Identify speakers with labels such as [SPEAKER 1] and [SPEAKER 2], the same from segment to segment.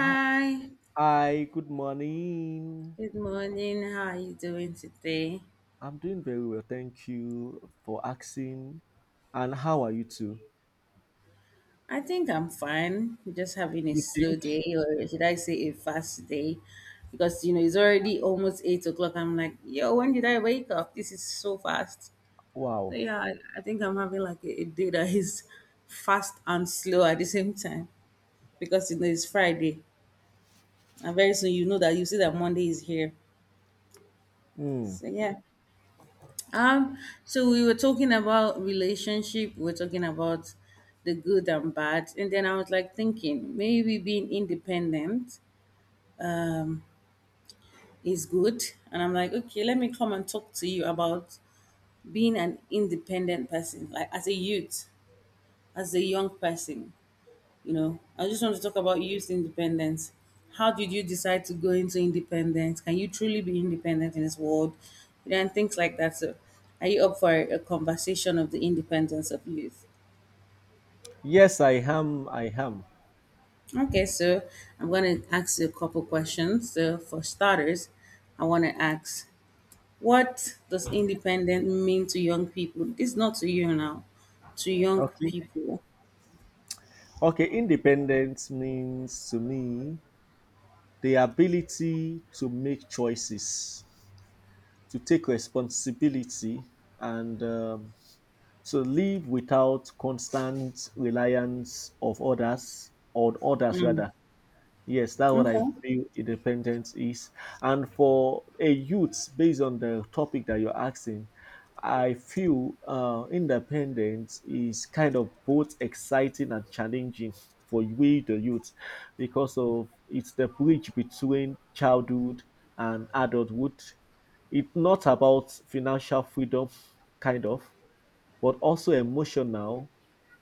[SPEAKER 1] Oh, hi, good morning.
[SPEAKER 2] good morning. How are you doing today?
[SPEAKER 1] I'm doing very well, thank you for asking. And how are you too?
[SPEAKER 2] I think I'm fine. Just having a
[SPEAKER 1] You
[SPEAKER 2] slow
[SPEAKER 1] think?
[SPEAKER 2] day, or should I say a fast day? Because it's already almost 8 o'clock. I'm like, yo, when did I wake up? This is so fast. So
[SPEAKER 1] Wow.
[SPEAKER 2] yeah, I think I'm having like a day that is fast and slow at the same time because it's Friday, and very soon you know that you see that Monday is here.
[SPEAKER 1] Hmm.
[SPEAKER 2] So yeah. Um, so we were talking about relationship, we were talking about the good and bad, and then I was like thinking maybe being independent is good, and I'm like, okay, let me come and talk to you about being an independent person, like as a youth, as a young person. I just want to talk about youth independence. How did you decide to go into independence? Can you truly be independent in this world? And things like that. So, are you up for a conversation of the independence of youth?
[SPEAKER 1] Yes, I am. I am.
[SPEAKER 2] Okay, so I'm going to ask you a couple questions. So, for starters, I want to ask what does independent mean to young people? This not to you now, to young
[SPEAKER 1] Okay.
[SPEAKER 2] people.
[SPEAKER 1] Okay, independence means to me the ability to make choices, to take responsibility, and to live without constant reliance of others, on others rather. Yes, that's what
[SPEAKER 2] Okay,
[SPEAKER 1] I feel independence is. And for a youth, based on the topic that you're asking, I feel independence is kind of both exciting and challenging for we, the youth, because of it's the bridge between childhood and adulthood. It's not about financial freedom, kind of, but also emotional,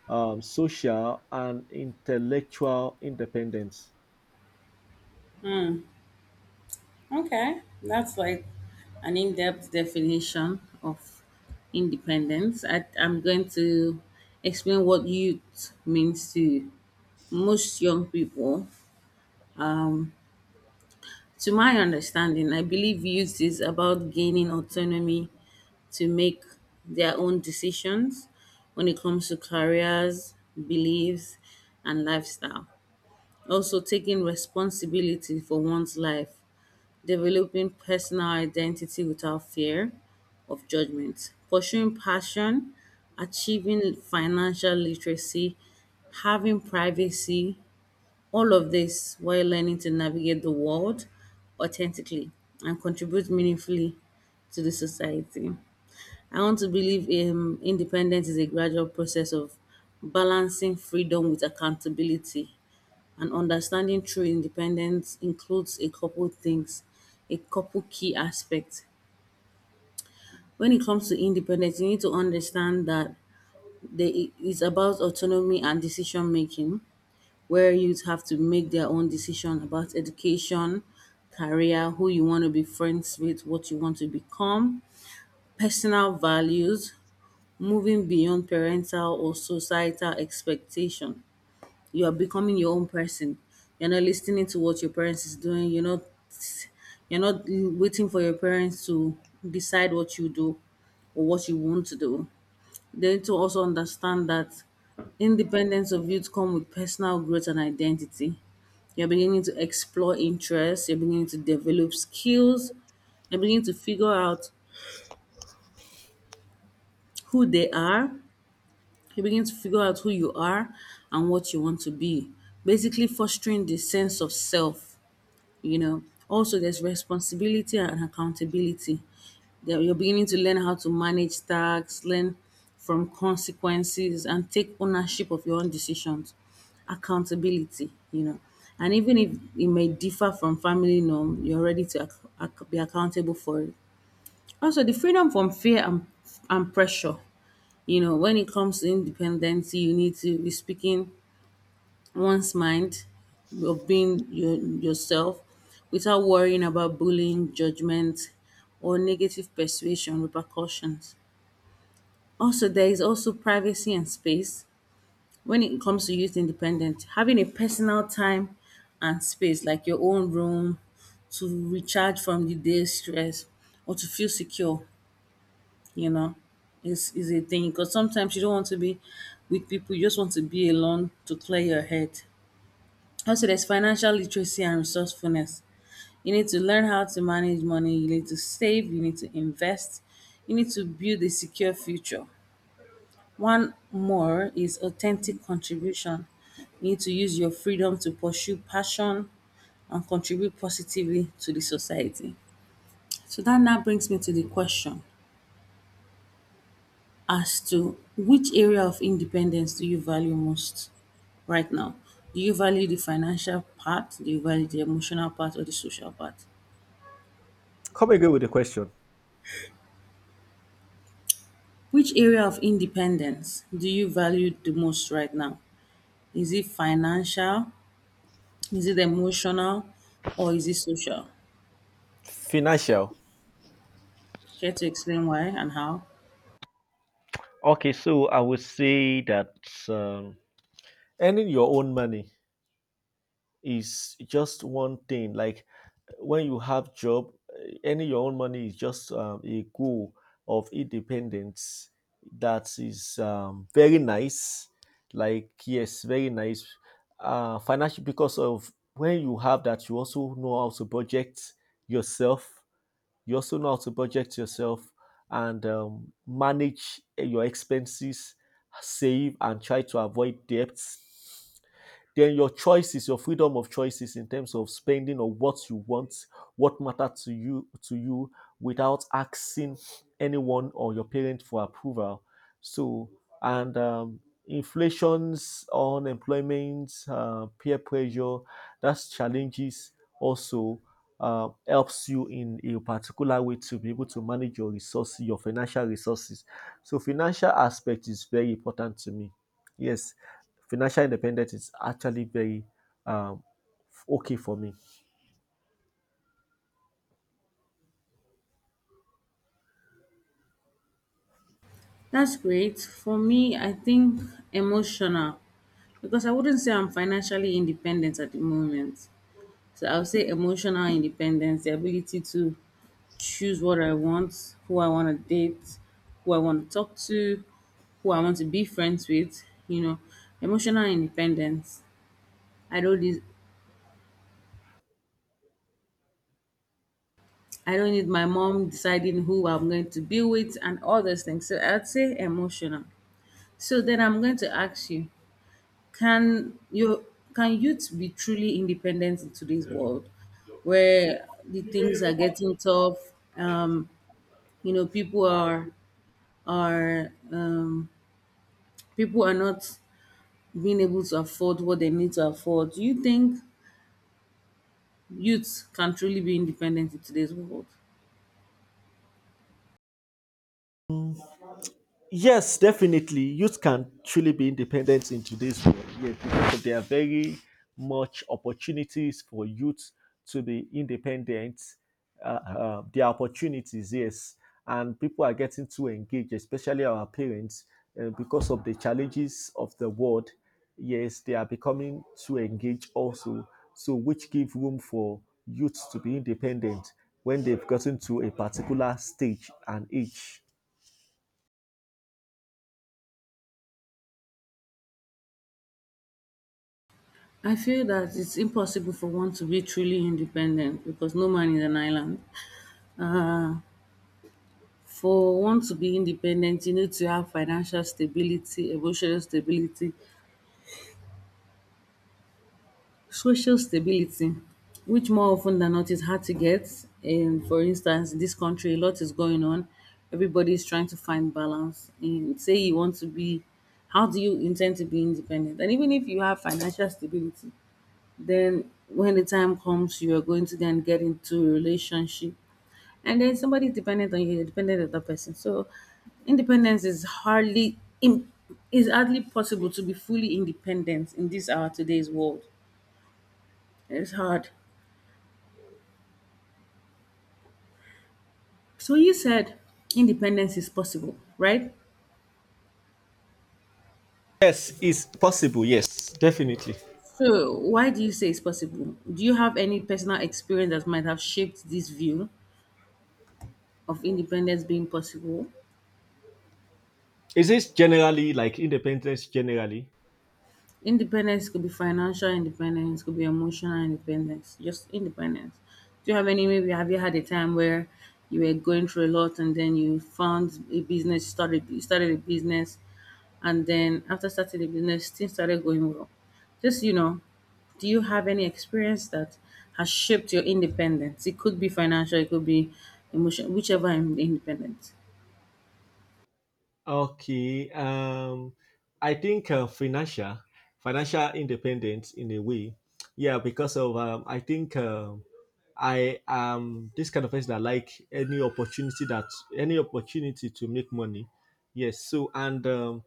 [SPEAKER 1] social, and intellectual independence.
[SPEAKER 2] okay. That's like an in depth definition of independence. I'm going to explain what youth means to most young people. To my understanding, I believe youth is about gaining autonomy to make their own decisions when it comes to careers, beliefs, and lifestyle. Also, taking responsibility for one's life, developing personal identity without fear of judgment, pursuing passion, achieving financial literacy, having privacy, all of this while learning to navigate the world authentically and contribute meaningfully to the society. I want to believe independence is a gradual process of balancing freedom with accountability. And understanding true independence includes a couple things, a couple key aspects. When it comes to independence, you need to understand that there i- about autonomy and decision making, where youth have to make their own decision about education, career, who you want to be friends with, what you want to become, personal values, moving beyond parental or societal expectation. You are becoming your own person. You're not listening to what your parents is doing. You're not waiting for your parents to decide what you do or what you want to do. They need to also understand that independence of youth come with personal growth and identity. You're beginning to explore interests, you're beginning to develop skills, you're beginning to figure out who they are, you begin to figure out who you are and what you want to be. Basically fostering the sense of self you know Also, there's responsibility and accountability, that you're beginning to learn how to manage tasks, learn from consequences, and take ownership of your own decisions, accountability. And even if it may differ from family norm, you're ready to be accountable for it. Also, the freedom from fear and pressure. When it comes to independency, you need to be speaking one's mind, of being yourself without worrying about bullying, judgment, or negative persuasion repercussions. Also, there is also privacy and space when it comes to youth independent. Having a personal time and space, like your own room, to recharge from the day's stress or to feel secure, you know, is a thing. Because sometimes you don't want to be with people; you just want to be alone to clear your head. Also, there's financial literacy and resourcefulness. You need to learn how to manage money, you need to save, you need to invest, you need to build a secure future. One more is authentic contribution. You need to use your freedom to pursue passion and contribute positively to the society. So that now brings me to the question as to which area of independence do you value most right now? Do you value the financial part? Do you value the emotional part or the social part?
[SPEAKER 1] Come again with the question.
[SPEAKER 2] Which area of independence do you value the most right now? Is it financial? Is it emotional? Or is it social?
[SPEAKER 1] Financial.
[SPEAKER 2] Care to explain why and how?
[SPEAKER 1] Okay, so I would say that um, earning your own money is just one thing. Like when you have job, earning your own money is just a goal of independence that is very nice. Like yes, very nice. Financial because of when you have that, you also know how to project yourself, you also know how to budget yourself and manage your expenses, save and try to avoid debts. Then your choices, your freedom of choices in terms of spending on what you want, what matter to you, without asking anyone or your parent for approval. So and inflations, unemployment, peer pressure, that's challenges. Also helps you in a particular way to be able to manage your resources, your financial resources. So financial aspect is very important to me. Yes, financial independence is actually very um, okay for me.
[SPEAKER 2] That's great. For me, I think emotional, because I wouldn't say I'm financially independent at the moment. So I would say emotional independence, the ability to choose what I want, who I want to date, who I want to talk to, who I want to be friends with, emotional independence. I don't need I don't need my mom deciding who I'm going to be with and all those things. So I'd say emotional. So then I'm going to ask you, can you can youth be truly independent in today's world where the things are getting tough? Um, you know, people are are um, people are not being able to afford what they need to afford. Do you think youth can truly be independent in today's world?
[SPEAKER 1] Yes, definitely. Youth can truly be independent in today's world. Yes, because there are very much opportunities for youth to be independent. There are opportunities, yes, and people are getting too engaged, especially our parents, because of the challenges of the world. Yes, they are becoming too engaged also, so which give room for youth to be independent when they've gotten to a particular stage and age.
[SPEAKER 2] I feel that it's impossible for one to be truly independent because no man is an island. Uh, for one to be independent, you need to have financial stability, emotional stability, social stability, which more often than not is hard to get. And for instance, in this country, a lot is going on. Everybody is trying to find balance. And say you want to be, how do you intend to be independent? And even if you have financial stability, then when the time comes, you are going to then get into a relationship. And then somebody's dependent on you, you're dependent on that person. So independence is hardly possible to be fully independent in this our today's world. It's hard. So you said independence is possible, right?
[SPEAKER 1] Yes, it's possible. Yes, definitely.
[SPEAKER 2] So why do you say it's possible? Do you have any personal experience that might have shaped this view of independence being possible?
[SPEAKER 1] Is this generally like independence generally?
[SPEAKER 2] Independence could be financial independence, could be emotional independence, just independence. Do you have any, maybe have you had a time where you were going through a lot and then you found a business, started you started a business, and then after starting the business, things started going well. Just do you have any experience that has shaped your independence? It could be financial, it could be emotional, whichever independence.
[SPEAKER 1] Okay. I think financial independence in a way. Yeah, because of I think I am this kind of person that like any opportunity to make money. Yes. So and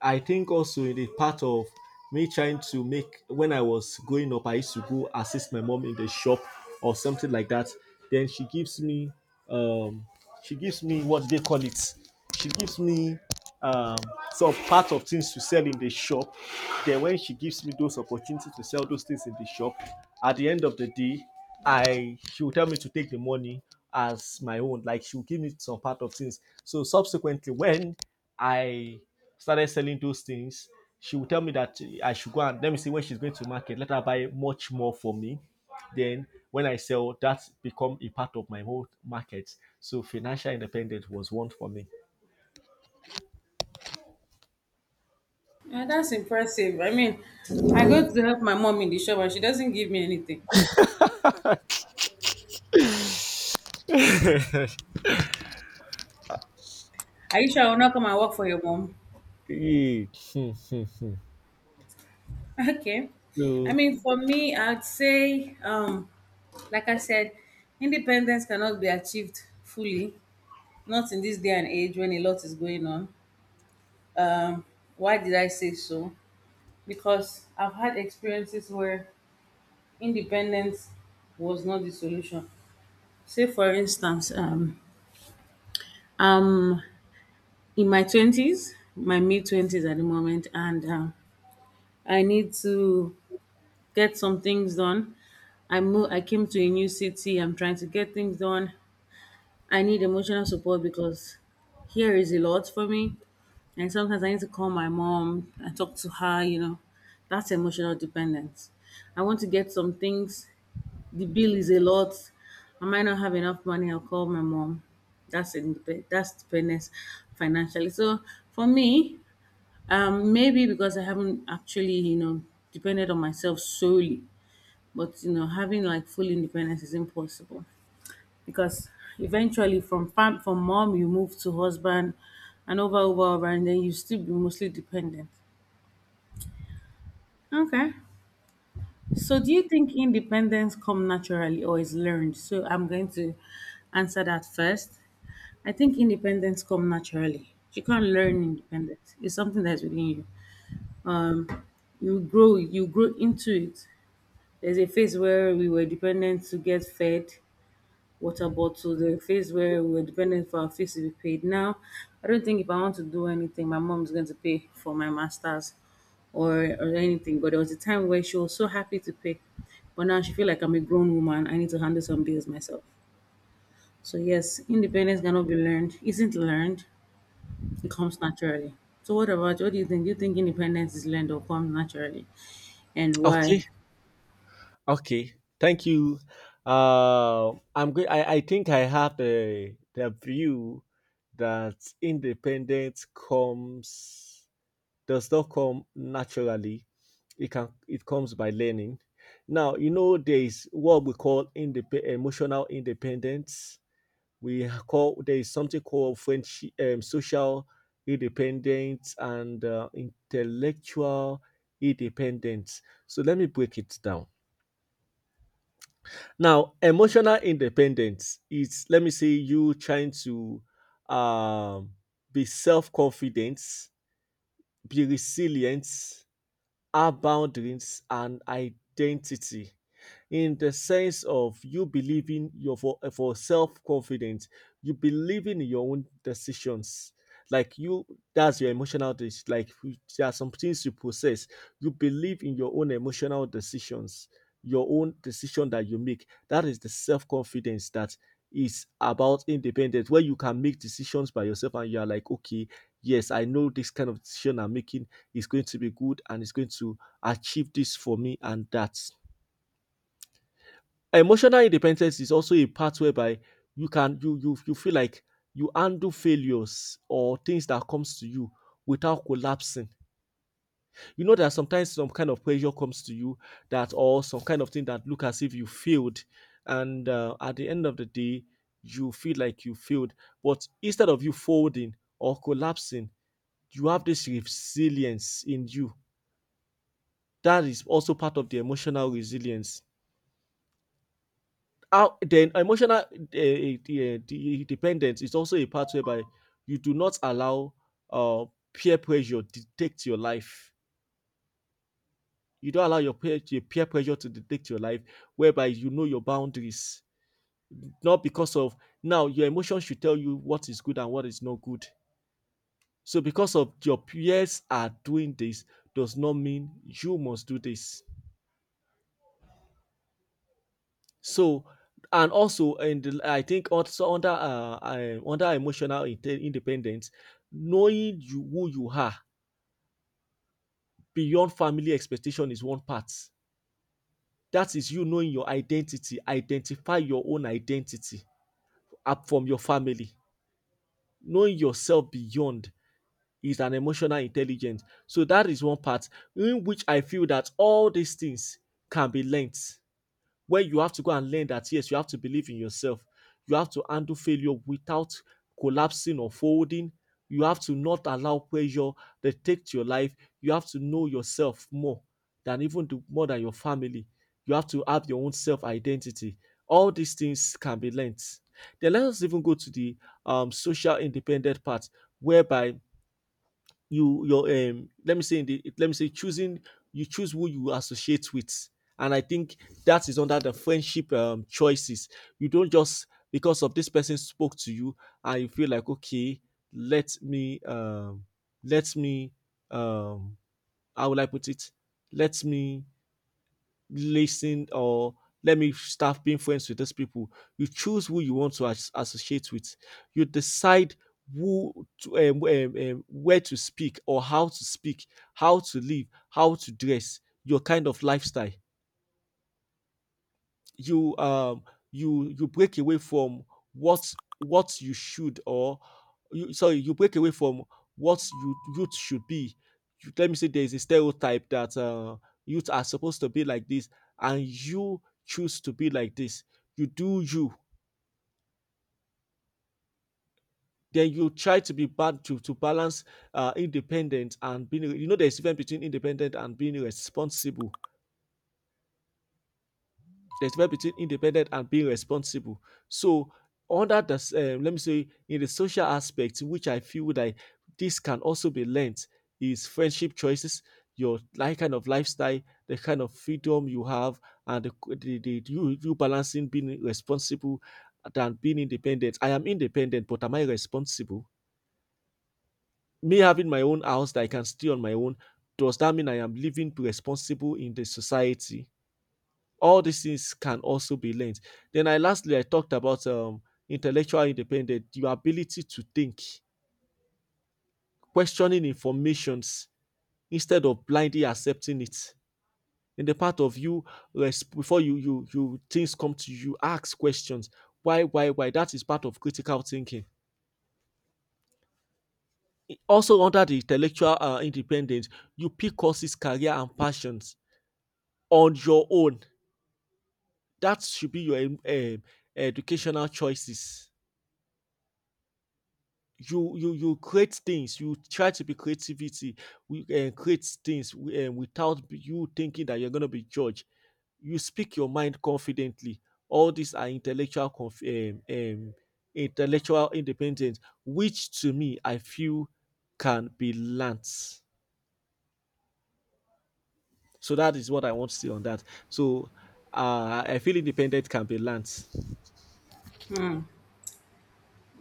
[SPEAKER 1] I think also in the part of me trying to make when I was growing up, I used to go assist my mom in the shop or something like that. Then um she gives me what they call it. She gives me um, some part of things to sell in the shop. Then when she gives me those opportunities to sell those things in the shop, at the end of the day, I she will tell me to take the money as my own. Like she will give me some part of things. So subsequently, when I started selling those things, she will tell me that I should go and let me see when she's going to market. Let her buy much more for me. Then when I sell, that become a part of my whole market. So financial independence was one for me.
[SPEAKER 2] Yeah, that's impressive. I mean, I go to help my mom in the shop and she doesn't give me anything. Are you sure I will not come and work for your mom?
[SPEAKER 1] Eh, hmm, hmm, hmm.
[SPEAKER 2] Okay. I
[SPEAKER 1] So
[SPEAKER 2] mean, for me, I'd say, like I said, independence cannot be achieved fully, not in this day and age when a lot is going on. Um, why did I say so? Because I've had experiences where independence was not the solution. Say, for instance, I'm in my 20s, my mid 20s at the moment, and I need to get some things done. I came to a new city. I'm trying to get things done. I need emotional support because here is a lot for me. And sometimes I need to call my mom and talk to her. That's emotional dependence. I want to get some things. The bill is a lot. I might not have enough money. I'll call my mom. That's dependence financially. So for me, maybe because I haven't actually, depended on myself solely, but having like full independence is impossible, because eventually from from mom you move to husband and over over over and then you still be mostly dependent. Okay. So do you think independence come naturally or is learned? So I'm going to answer that first. I think independence come naturally. You can't learn independence. It's something that's within you. Um, you grow into it. There's a phase where we were dependent to get fed, water bottle, the phase where we were dependent for our fees to be paid. Now, I don't think if I want to do anything, my mom is going to pay for my masters or anything. But there was a time where she was so happy to pay, but now she feel like I'm a grown woman. I need to handle some bills myself. So yes, independence cannot be learned. Isn't learned. It comes naturally. So what do you think? Do you think independence is learned or comes naturally, and
[SPEAKER 1] okay,
[SPEAKER 2] why?
[SPEAKER 1] okay. Thank you. I'm good. I think I have the view that independence comes does not come naturally. It comes by learning. Now you know there is what we call emotional independence, we call there is something called French social independence, and intellectual independence. So let me break it down. Now, emotional independence is, let me say, you trying to um, be self confident, be resilient, our boundaries and identity, in the sense of you believing for self-confidence, you believing in your own decisions, like you, that's your emotional dis- like you- there are some things you process, you believe in your own emotional decisions, your own decision that you make, that is the self-confidence, that is about independence, where you can make decisions by yourself and you are like, okay, yes, I know this kind of decision I'm making is going to be good and is going to achieve this for me and that. Emotional independence is also a part whereby you feel like you handle failures or things that comes to you without collapsing. You know that sometimes some kind of pressure comes to you that or some kind of thing that look as if you failed and at the end of the day you feel like you failed, but instead of you folding or collapsing you have this resilience in you, that is also part of the emotional resilience. How then emotional the dependence is also a part whereby you do not allow uh, peer pressure dictate your life. You don't allow your peer pressure to dictate your life, whereby you know your boundaries. Not because of, now your emotions should tell you what is good and what is not good. So because of your peers are doing this does not mean you must do this. So, and also and the I think also under under emotional independence, knowing you who you are beyond family expectation is one part. That is you knowing your identity, identify your own identity up from your family. Knowing yourself beyond is an emotional intelligence. So that is one part in which I feel that all these things can be learnt, where you have to go and learn that yes, you have to believe in yourself. You have to handle failure without collapsing or folding. You have to not allow pressure dictate your life. You have to know yourself more than even more than your family. You have to have your own self identity. All these things can be learnt. Then let us even go to the social independent part, whereby you your let me say, in the, let me say, choosing, you choose who you associate with, and I think that is under the friendship choices. You don't just because of this person spoke to you and you feel like, okay, let me um let me um how will I put it, let me listen or let me start being friends with these people. You choose who you want to associate with. You decide who to, where to speak or how to speak, how to live, how to dress, your kind of lifestyle, you break away from what what you should or, you, sorry, you break away from what you youth should be, you, let me say there is a stereotype that youth are supposed to be like this and you choose to be like this, you do you. Then you try to be bad to balance independent and being, you know, there's difference between independent and being responsible. There's a difference between independent and being responsible. So under the let me say, in the social aspect, which I feel that this can also be learnt, is friendship choices, your like kind of lifestyle, the kind of freedom you have, and the, you, you balancing being responsible than being independent. I am independent, but am I responsible? Me having my own house that I can stay on my own, does that mean I am living responsible in the society? All these things can also be learned. Then I lastly I talked about intellectual independence, your ability to think, questioning informations instead of blindly accepting it. In the part of you before you you you things come to you, ask questions. Why, why? That is part of critical thinking. Also under the intellectual independence, you pick courses, career, and passions on your own. That should be your educational choices. You create things, you try to be creativity, we create things without you thinking that you're going to be judged, you speak your mind confidently. All these are intellectual intellectual independence which to me I feel can be learnt. So that is what I want to say on that. So I feel independent can be learnt.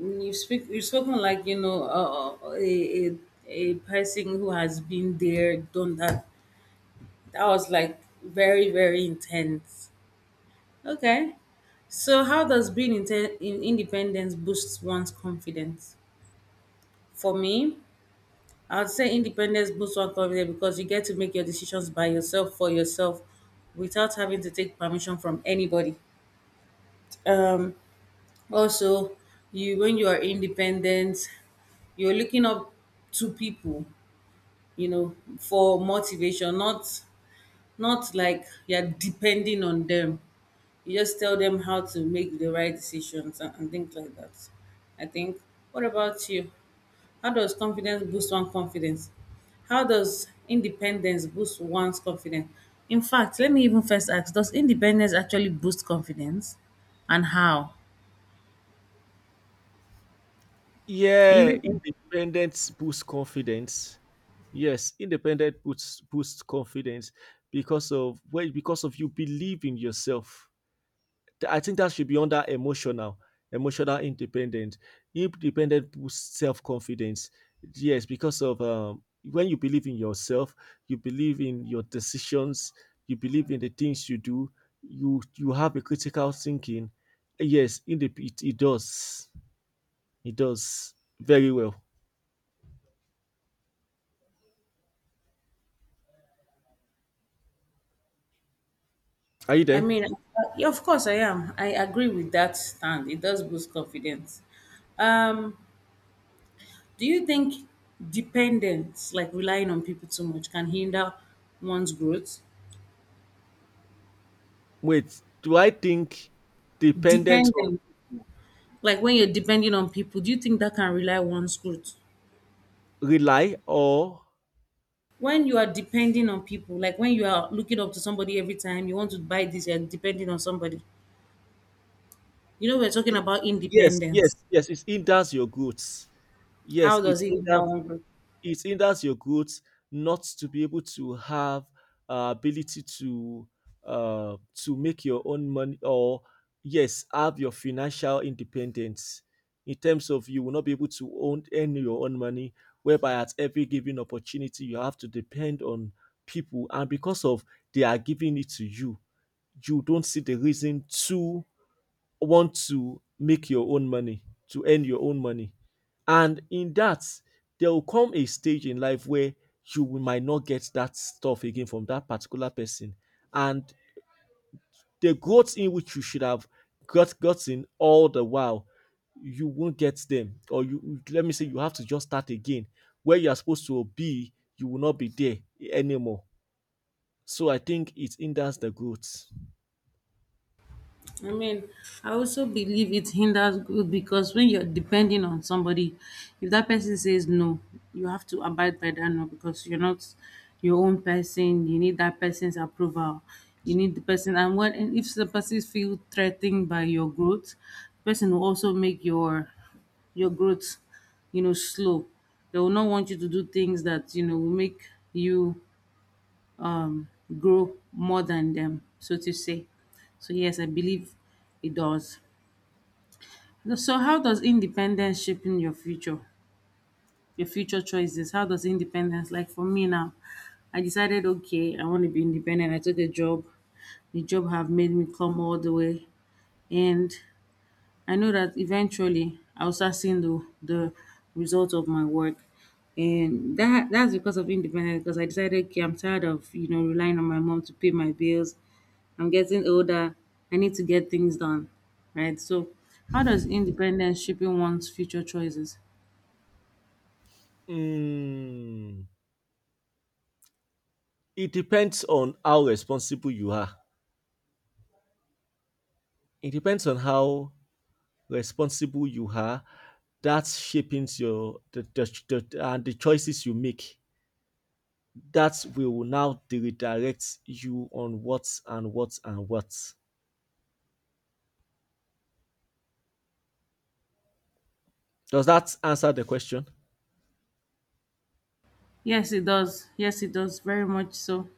[SPEAKER 2] You speak. You've spoken like a person who has been there, done that. That was like very very intense. Okay, so how does being inten- in independence boost one's confidence? For me, I would say independence boosts one's confidence because you get to make your decisions by yourself for yourself, without having to take permission from anybody. Um, also, you when you are independent, you're looking up to people, for motivation, not like you're depending on them. You just tell them how to make the right decisions, and things like that, I think. What about you? How does confidence boost one's confidence? How does independence boost one's confidence? In fact, let me even first ask, does independence actually boost confidence? And how? Are you
[SPEAKER 1] Yeah,
[SPEAKER 2] with me?
[SPEAKER 1] independence boosts confidence. Yes, independent boosts boosts confidence because of, well, because of you believe in yourself. I think that should be under emotional, emotional independent. Independent boosts self confidence. Yes, because of when you believe in yourself, you believe in your decisions, you believe in the things you do. You have a critical thinking. Yes, in it, it does. It does very well. Are you there?
[SPEAKER 2] Yeah, of course I am. I agree with that stand. It does boost confidence. Um, Do you think dependence, like relying on people too much, can hinder one's growth?
[SPEAKER 1] Wait, do I think dependent on
[SPEAKER 2] Dependent,
[SPEAKER 1] people,
[SPEAKER 2] like when you're depending on people, do you think that can rely one's growth?
[SPEAKER 1] rely or
[SPEAKER 2] When you are depending on people, like when you are looking up to somebody every time, you want to buy this, you're depending on somebody. You know, we're talking
[SPEAKER 1] Y-
[SPEAKER 2] about
[SPEAKER 1] yes, yes,
[SPEAKER 2] independence.
[SPEAKER 1] yes, it hinders your goods. Yes,
[SPEAKER 2] How does
[SPEAKER 1] it
[SPEAKER 2] it hinder
[SPEAKER 1] hinders
[SPEAKER 2] one growth?
[SPEAKER 1] it hinders your growth, not to be able to have ability to make your own money or yes have your financial independence, in terms of you will not be able to own earn your own money, whereby at every given opportunity you have to depend on people, and because of they are giving it to you, you don't see the reason to want to make your own money, to earn your own money. And in that, there will come a stage in life where you might not get that stuff again from that particular person. And the growth in which you should have gotten all the while, you won't get them. Or you let me say you have to just start again. Where you are supposed to be, you will not be there anymore. So I think it hinders the growth.
[SPEAKER 2] I mean, I also believe it hinders growth because when you're depending on somebody, if that person says no, you have to abide by that no because you're not your own person. You need that person's approval. You need the person, and what, and if the person feels threatened by your growth, the person will also make your growth, you know, slow. They will not want you to do things that you know will make you, um, grow more than them, so to say. So yes, I believe it does. So how does independence shaping your future choices? How does independence, like for me now, I decided okay, I want to be independent. I took a job. The job have made me come all the way, and I know that eventually I'll start seeing the result of my work. And that's because of independence because I decided okay, I'm tired of relying on my mom to pay my bills. I'm getting older. I need to get things done, right? So, how does independence shaping one's future choices?
[SPEAKER 1] Mm, it depends on how responsible you are. It depends on how responsible you are. That shaping your the choices you make. That will now redirect you on what and what and what. Does that answer the question?
[SPEAKER 2] Yes, it does. Yes, it does. Very much so.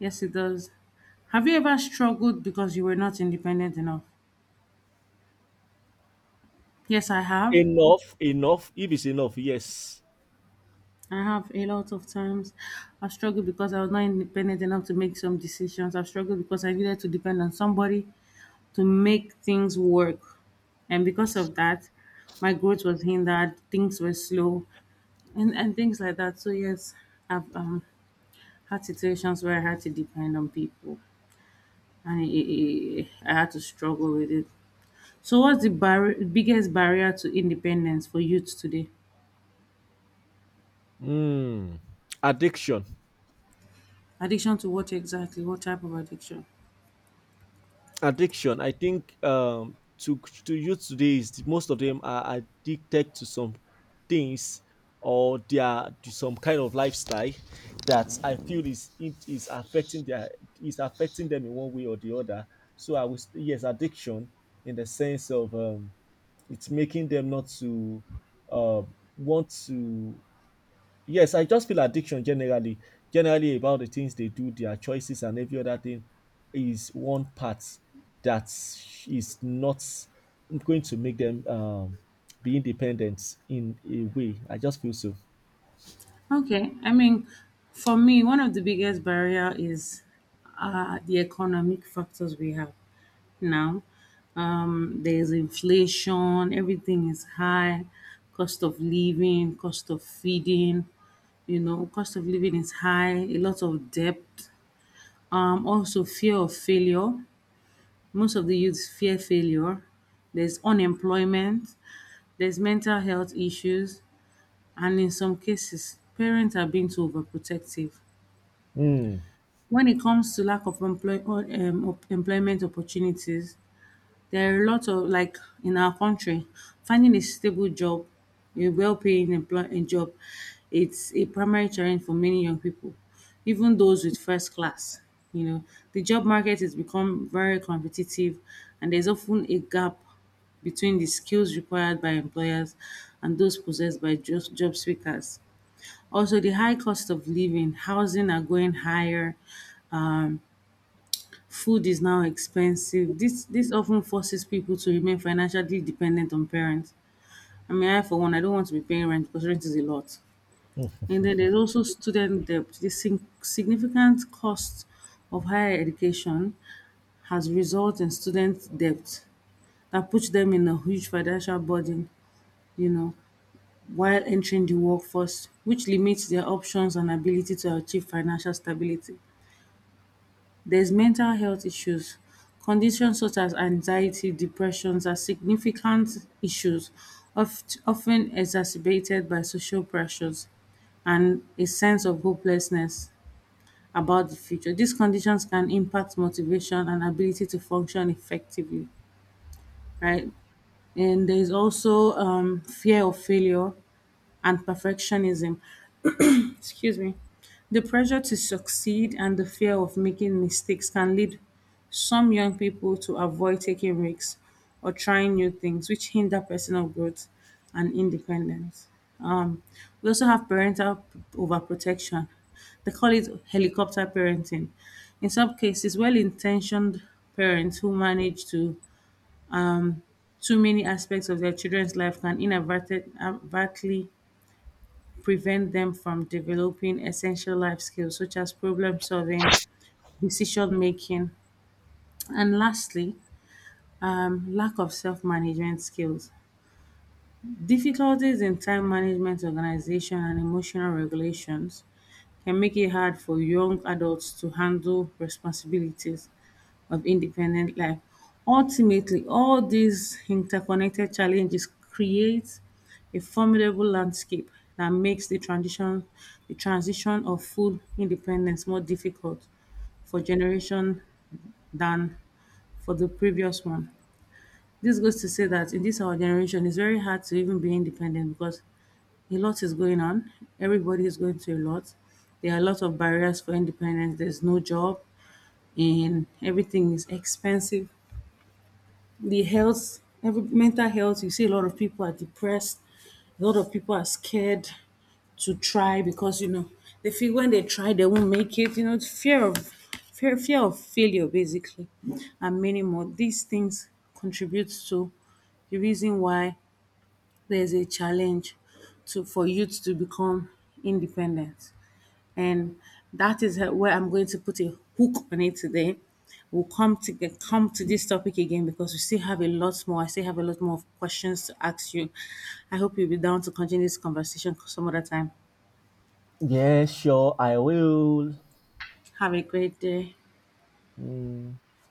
[SPEAKER 2] Yes, it does. Have you ever struggled because you were not independent enough? Yes, I have.
[SPEAKER 1] Enough, enough. If it's enough, yes.
[SPEAKER 2] I have a lot of times. I've struggled because I was not independent enough to make some decisions. I've struggled because I needed to depend on somebody to make things work. And because of that, my growth was hindered, things were slow, and things like that. So yes, I've had situations where I had to depend on people, and I had to struggle with it. So what's the biggest barrier to independence for youth today?
[SPEAKER 1] Hmm. Addiction.
[SPEAKER 2] Addiction to what exactly? What type of addiction?
[SPEAKER 1] Addiction, I think to youth today is most of them are addicted to some things, or they are to some kind of lifestyle that I feel is affecting their is affecting them in one way or the other. So I was, yes, addiction in the sense of it's making them not to uh, want to. Yes, I just feel addiction generally, generally about the things they do, their choices and every other thing is one part that is not going to make them be independent in a way. I just feel so.
[SPEAKER 2] Okay, I mean, for me, one of the biggest barrier is the economic factors we have now. There's inflation, everything is high, cost of living, cost of feeding, you know, cost of living is high, a lot of debt, also fear of failure. Most of the youths fear failure. There's unemployment, there's mental health issues, and in some cases, parents are being too overprotective.
[SPEAKER 1] Mm.
[SPEAKER 2] When it comes to lack of employment opportunities, there are lots of like in our country, finding a stable job, a well-paying employ a job, it's a primary challenge for many young people, even those with first class. You know, the job market has become very competitive, and there's often a gap between the skills required by employers and those possessed by just job seekers. Also, the high cost of living, housing are going higher, um, food is now expensive. This often forces people to remain financially dependent on parents. I mean, I for one, I don't want to be paying rent because rent is a lot.
[SPEAKER 1] Mm.
[SPEAKER 2] And then there's also student debt. The significant cost of higher education has resulted in student debt that puts them in a huge financial burden, you know, while entering the workforce, which limits their options and ability to achieve financial stability. There's mental health issues. Conditions such as anxiety, depressions are significant issues often exacerbated by social pressures and a sense of hopelessness about the future. These conditions can impact motivation and ability to function effectively, right? And there is also fear of failure and perfectionism, excuse me, the pressure to succeed and the fear of making mistakes can lead some young people to avoid taking risks or trying new things, which hinder personal growth and independence. We also have parental overprotection, they call it helicopter parenting. In some cases, well-intentioned parents who manage to too many aspects of their children's life can inadvertently prevent them from developing essential life skills such as problem solving, decision making. And lastly, lack of self management skills. Difficulties in time management, organization, and emotional regulations can make it hard for young adults to handle responsibilities of independent life. Ultimately, all these interconnected challenges create a formidable landscape that makes the transition, of food independence more difficult for generation than for the previous one. This goes to say that in this our generation, it's very hard to even be independent because a lot is going on. Everybody is going through a lot. There are a lot of barriers for independence. There's no job, and everything is expensive. The health, every mental health, you see a lot of people are depressed. A lot of people are scared to try because you know they feel when they try they won't make it. You know, it's fear of failure basically, and many more. These things contribute to the reason why there's a challenge to for youth to become independent. And that is where I'm going to put a hook on it today. We'll come to this topic again because we still have a lot more. I still have a lot more questions to ask you. I hope you'll be down to continue this conversation some other time.
[SPEAKER 1] Yeah, sure, I will.
[SPEAKER 2] Have a great day.
[SPEAKER 1] Mm.